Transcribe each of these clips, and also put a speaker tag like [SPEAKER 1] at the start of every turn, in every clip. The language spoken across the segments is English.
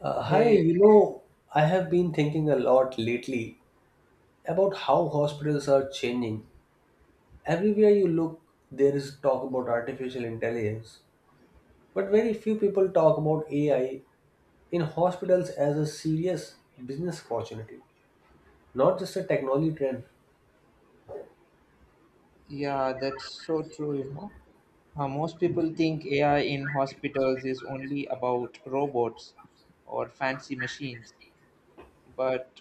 [SPEAKER 1] Hi,
[SPEAKER 2] Hey,
[SPEAKER 1] I have been thinking a lot lately about how hospitals are changing. Everywhere you look, there is talk about artificial intelligence, but very few people talk about AI in hospitals as a serious business opportunity, not just a technology trend.
[SPEAKER 2] yeah, that's so true, most people think AI in hospitals is only about robots or fancy machines, but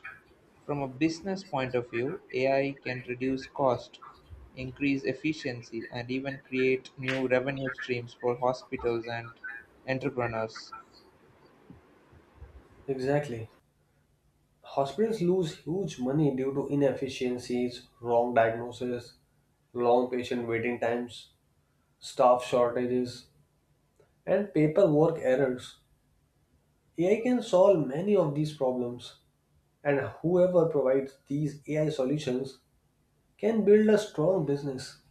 [SPEAKER 2] from a business point of view, AI can reduce cost, increase efficiency, and even create new revenue streams for hospitals and entrepreneurs.
[SPEAKER 1] Exactly. Hospitals lose huge money due to inefficiencies, wrong diagnosis, long patient waiting times, staff shortages, and paperwork errors. AI can solve many of these problems, and whoever provides these AI solutions can build a strong business.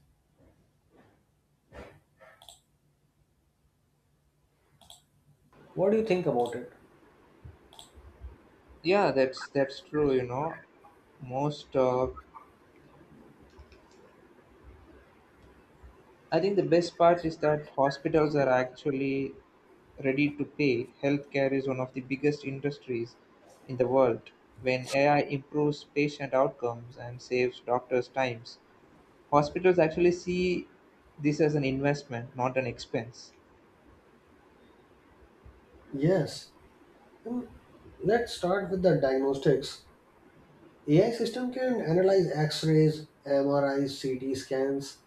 [SPEAKER 1] What do you think about it?
[SPEAKER 2] Yeah, that's true, you know. Most I think the best part is that hospitals are actually ready to pay. Healthcare is one of the biggest industries in the world. When AI improves patient outcomes and saves doctors' times, hospitals actually see this as an investment, not an expense.
[SPEAKER 1] Yes. Hmm, let's start with the diagnostics. AI system can analyze X-rays, MRIs, CT scans,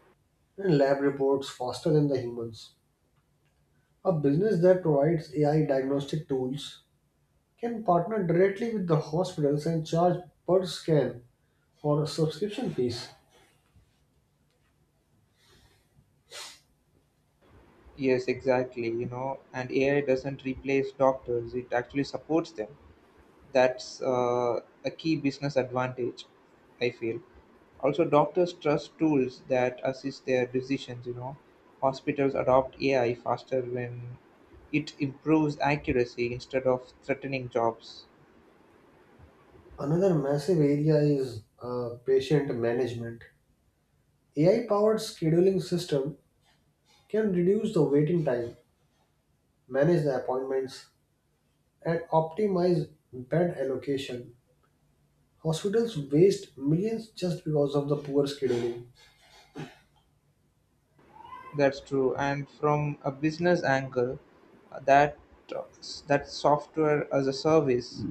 [SPEAKER 1] and lab reports faster than the humans. A business that provides AI diagnostic tools can partner directly with the hospitals and charge per scan or a subscription fees.
[SPEAKER 2] Yes, exactly, and AI doesn't replace doctors, it actually supports them. That's A key business advantage I feel. Also, doctors trust tools that assist their decisions. Hospitals adopt AI faster when it improves accuracy instead of threatening jobs.
[SPEAKER 1] Another massive area is patient management. AI powered scheduling system can reduce the waiting time, manage the appointments, and optimize bed allocation. Hospitals waste millions just because of the poor scheduling.
[SPEAKER 2] That's true, and from a business angle uh, that that software as a service,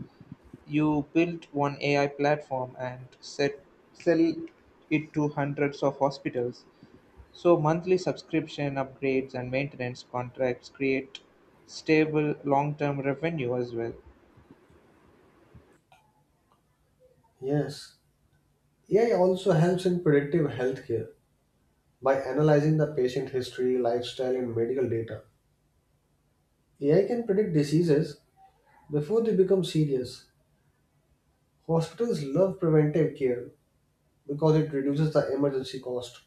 [SPEAKER 2] you build one AI platform and set sell it to hundreds of hospitals. So monthly subscription upgrades and maintenance contracts create stable long-term revenue as well.
[SPEAKER 1] Yes, AI also helps in predictive healthcare by analyzing the patient history, lifestyle, and medical data. AI can predict diseases before they become serious. Hospitals love preventive care because it reduces the emergency cost.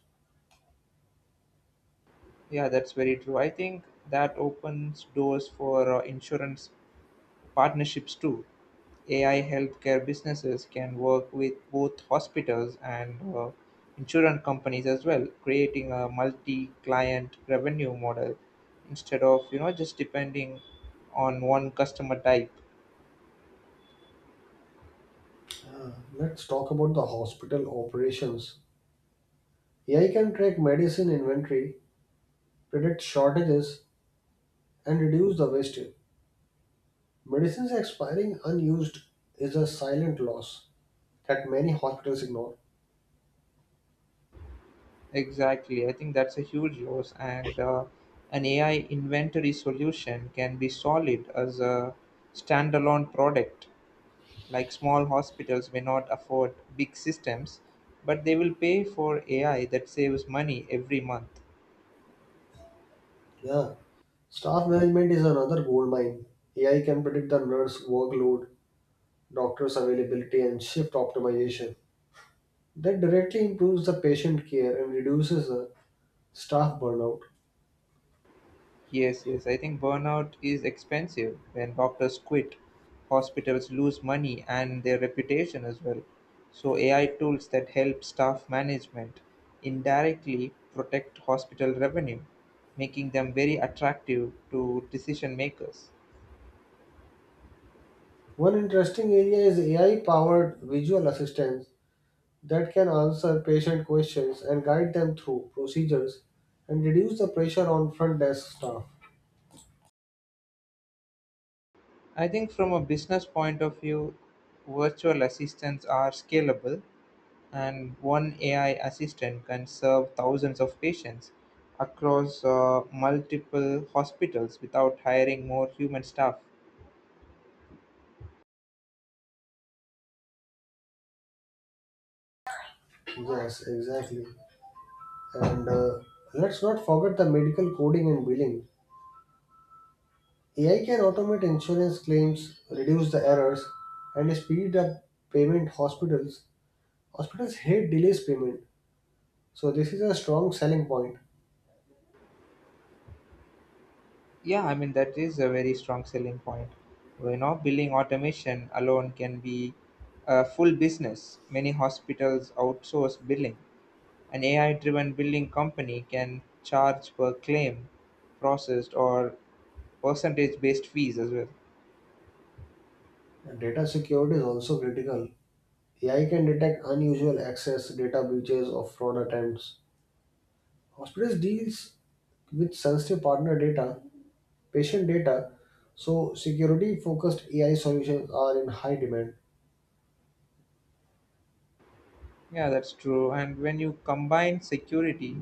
[SPEAKER 2] Yeah, that's very true. I think that opens doors for insurance partnerships too. AI healthcare businesses can work with both hospitals and insurance companies as well, creating a multi-client revenue model instead of just depending on one customer type.
[SPEAKER 1] Let's talk about the hospital operations. AI can track medicine inventory, predict shortages, and reduce the wastage. Medicines expiring unused is a silent loss that many hospitals ignore.
[SPEAKER 2] Exactly. I think that's a huge loss. And An AI inventory solution can be solid as a standalone product. Like, small hospitals may not afford big systems, but they will pay for AI that saves money every month.
[SPEAKER 1] Yeah, staff management is another goldmine. AI can predict the nurse workload, doctor's availability, and shift optimization. That directly improves the patient care and reduces the staff burnout.
[SPEAKER 2] Yes, yes. I think burnout is expensive. When doctors quit, hospitals lose money and their reputation as well. So AI tools that help staff management indirectly protect hospital revenue, making them very attractive to decision makers.
[SPEAKER 1] One interesting area is AI powered visual assistants that can answer patient questions and guide them through procedures and reduce the pressure on front desk staff.
[SPEAKER 2] I think from a business point of view, virtual assistants are scalable, and one AI assistant can serve thousands of patients across multiple hospitals without hiring more human staff.
[SPEAKER 1] Yes, exactly. And let's not forget the medical coding and billing. AI can automate insurance claims, reduce the errors, and speed up payment hospitals. Hospitals hate delays payment, so this is a strong selling point.
[SPEAKER 2] Yeah, I mean, that is a very strong selling point. You know, billing automation alone can be a full business. Many hospitals outsource billing. An AI driven billing company can charge per claim processed or percentage based fees as well.
[SPEAKER 1] And data security is also critical. AI can detect unusual access, data breaches, or fraud attempts. Hospitals deals with sensitive partner data, patient data, so security-focused AI solutions are in high demand.
[SPEAKER 2] Yeah, that's true. And when you combine security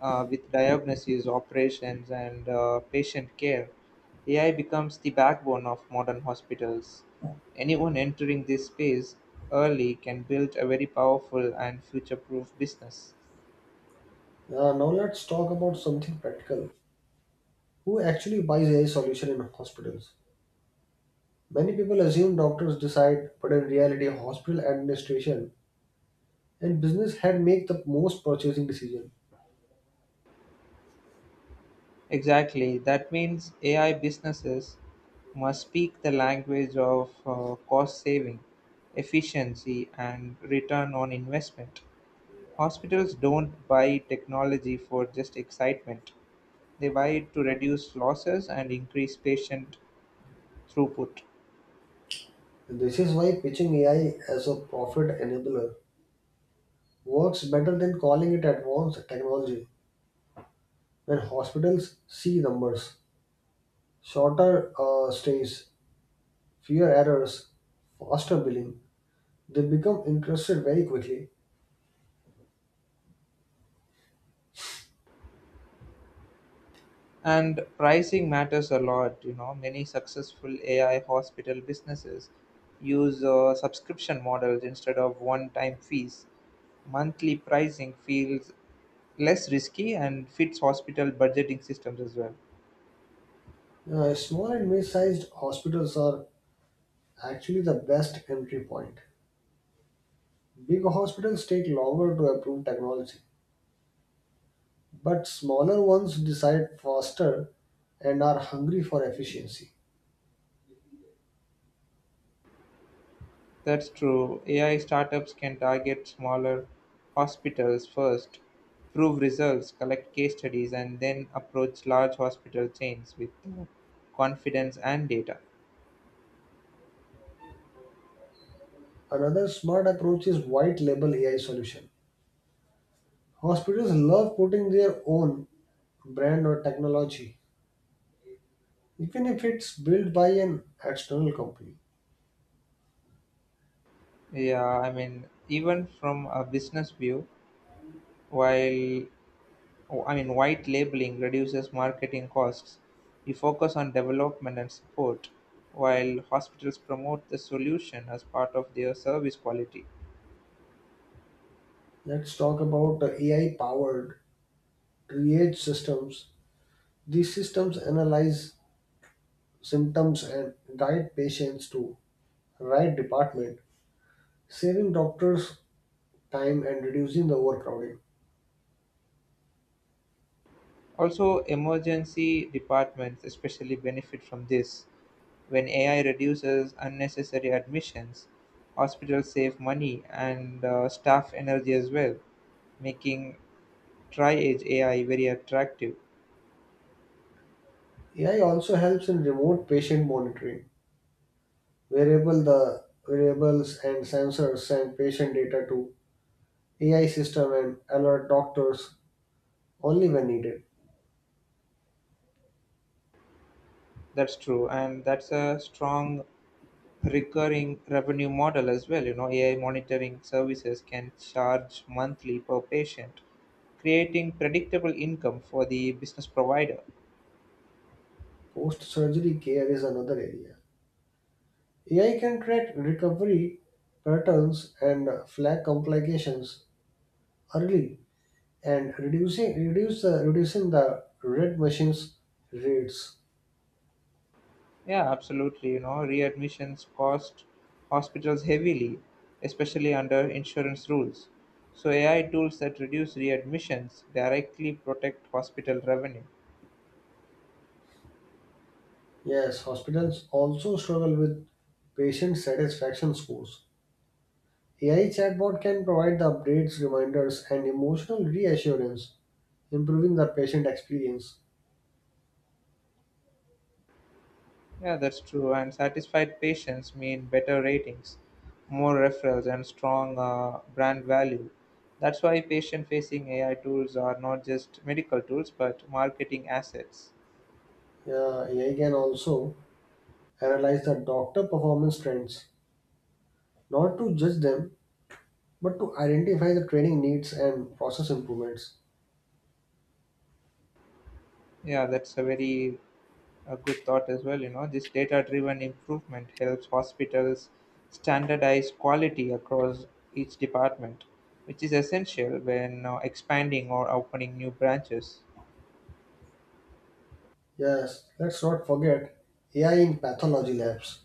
[SPEAKER 2] with diagnosis, operations, and patient care, AI becomes the backbone of modern hospitals. Anyone entering this space early can build a very powerful and future proof business.
[SPEAKER 1] Now let's talk about something practical. Who actually buys AI solution in hospitals? Many people assume doctors decide, but in reality, hospital administration and business head make the most purchasing decision.
[SPEAKER 2] Exactly. That means AI businesses must speak the language of cost saving, efficiency, and return on investment. Hospitals don't buy technology for just excitement. They buy it to reduce losses and increase patient throughput.
[SPEAKER 1] And this is why pitching AI as a profit enabler works better than calling it advanced technology. When hospitals see numbers, shorter stays, fewer errors, faster billing, they become interested very quickly.
[SPEAKER 2] And pricing matters a lot. You know, many successful AI hospital businesses use subscription models instead of one-time fees. Monthly pricing feels less risky and fits hospital budgeting systems as well.
[SPEAKER 1] Small and mid-sized hospitals are actually the best entry point. Big hospitals take longer to approve technology, but smaller ones decide faster and are hungry for efficiency.
[SPEAKER 2] That's true. AI startups can target smaller hospitals first, prove results, collect case studies, and then approach large hospital chains with confidence and data.
[SPEAKER 1] Another smart approach is white label AI solution. Hospitals love putting their own brand or technology, even if it's built by an external company.
[SPEAKER 2] Yeah, I mean, even from a business view, while white labeling reduces marketing costs. We focus on development and support, while hospitals promote the solution as part of their service quality.
[SPEAKER 1] Let's talk about the AI powered triage systems. These systems analyze symptoms and guide patients to right department, saving doctors time and reducing the overcrowding.
[SPEAKER 2] Also, emergency departments especially benefit from this. When AI reduces unnecessary admissions, hospitals save money and staff energy as well, making tri age AI very attractive.
[SPEAKER 1] AI also helps in remote patient monitoring. Wearables and sensors send patient data to AI system and alert doctors only when needed.
[SPEAKER 2] That's true, and that's a strong recurring revenue model as well. You know, AI monitoring services can charge monthly per patient, creating predictable income for the business provider.
[SPEAKER 1] Post surgery care is another area. AI can track recovery patterns and flag complications early and reducing the red machines rates.
[SPEAKER 2] Yeah, absolutely. You know, readmissions cost hospitals heavily, especially under insurance rules. So AI tools that reduce readmissions directly protect hospital revenue.
[SPEAKER 1] Yes, hospitals also struggle with patient satisfaction scores. AI chatbot can provide the updates, reminders, and emotional reassurance, improving the patient experience.
[SPEAKER 2] Yeah, that's true. And satisfied patients mean better ratings, more referrals, and strong brand value. That's why patient facing AI tools are not just medical tools but marketing assets.
[SPEAKER 1] Yeah, AI can also analyze the doctor performance trends, not to judge them but to identify the training needs and process improvements.
[SPEAKER 2] Yeah, that's a very a good thought as well. You know, this data driven improvement helps hospitals standardize quality across each department, which is essential when expanding or opening new branches.
[SPEAKER 1] Yes, let's not forget AI in pathology labs.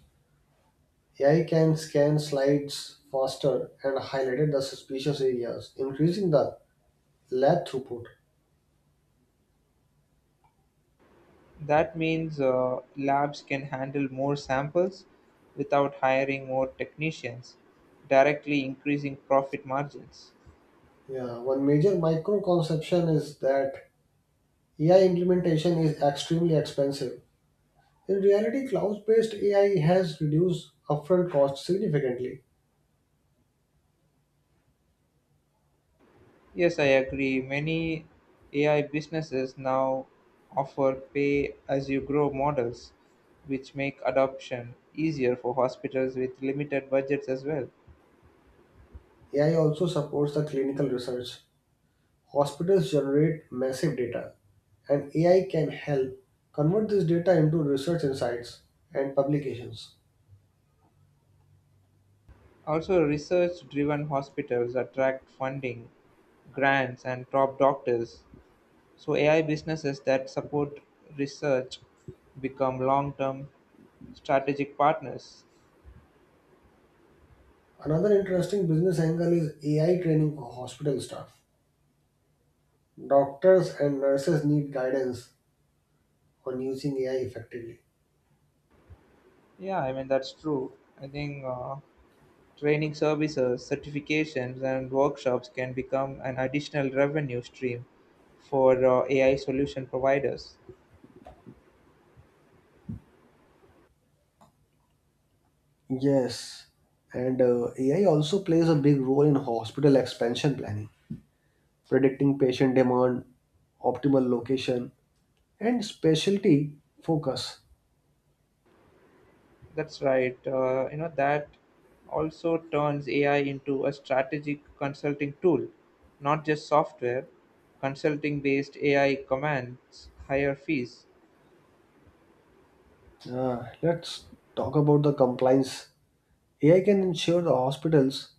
[SPEAKER 1] AI can scan slides faster and highlighted the suspicious areas, increasing the lab throughput.
[SPEAKER 2] That means labs can handle more samples without hiring more technicians, directly increasing profit margins.
[SPEAKER 1] Yeah, one major microconception is that AI implementation is extremely expensive. In reality, cloud-based AI has reduced upfront costs significantly.
[SPEAKER 2] Yes, I agree. Many AI businesses now offer pay as you grow models, which make adoption easier for hospitals with limited budgets as well.
[SPEAKER 1] AI also supports the clinical research. Hospitals generate massive data, and AI can help convert this data into research insights and publications.
[SPEAKER 2] Also, research driven hospitals attract funding, grants, and top doctors. So, AI businesses that support research become long term strategic partners.
[SPEAKER 1] Another interesting business angle is AI training for hospital staff. Doctors and nurses need guidance on using AI effectively.
[SPEAKER 2] Yeah, I mean, that's true. I think. Training services, certifications, and workshops can become an additional revenue stream for AI solution providers.
[SPEAKER 1] Yes, and AI also plays a big role in hospital expansion planning, predicting patient demand, optimal location, and specialty focus.
[SPEAKER 2] That's right. You know, that also turns AI into a strategic consulting tool, not just software. Consulting-based AI commands higher fees.
[SPEAKER 1] Let's talk about the compliance. AI can ensure the hospitals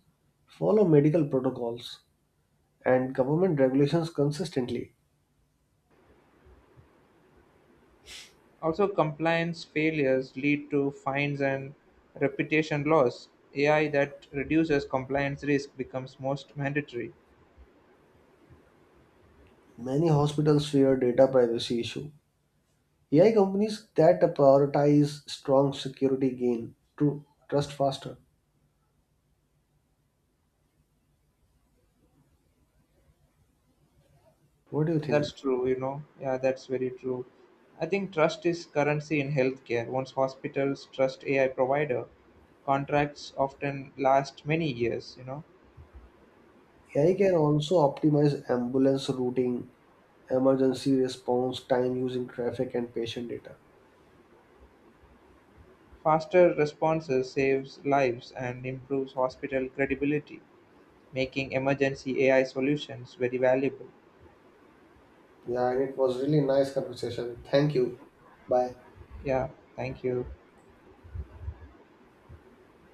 [SPEAKER 1] follow medical protocols and government regulations consistently.
[SPEAKER 2] Also, compliance failures lead to fines and reputation loss. AI that reduces compliance risk becomes most mandatory.
[SPEAKER 1] Many hospitals fear data privacy issue. AI companies that prioritize strong security gain to trust faster. What do you think?
[SPEAKER 2] That's true, you know. Yeah, that's very true. I think trust is currency in healthcare. Once hospitals trust AI provider, contracts often last many years, you know.
[SPEAKER 1] AI can also optimize ambulance routing, emergency response time using traffic and patient data.
[SPEAKER 2] Faster responses saves lives and improves hospital credibility, making emergency AI solutions very valuable.
[SPEAKER 1] Yeah, and it was really nice conversation. Thank you. Bye.
[SPEAKER 2] Yeah, thank you.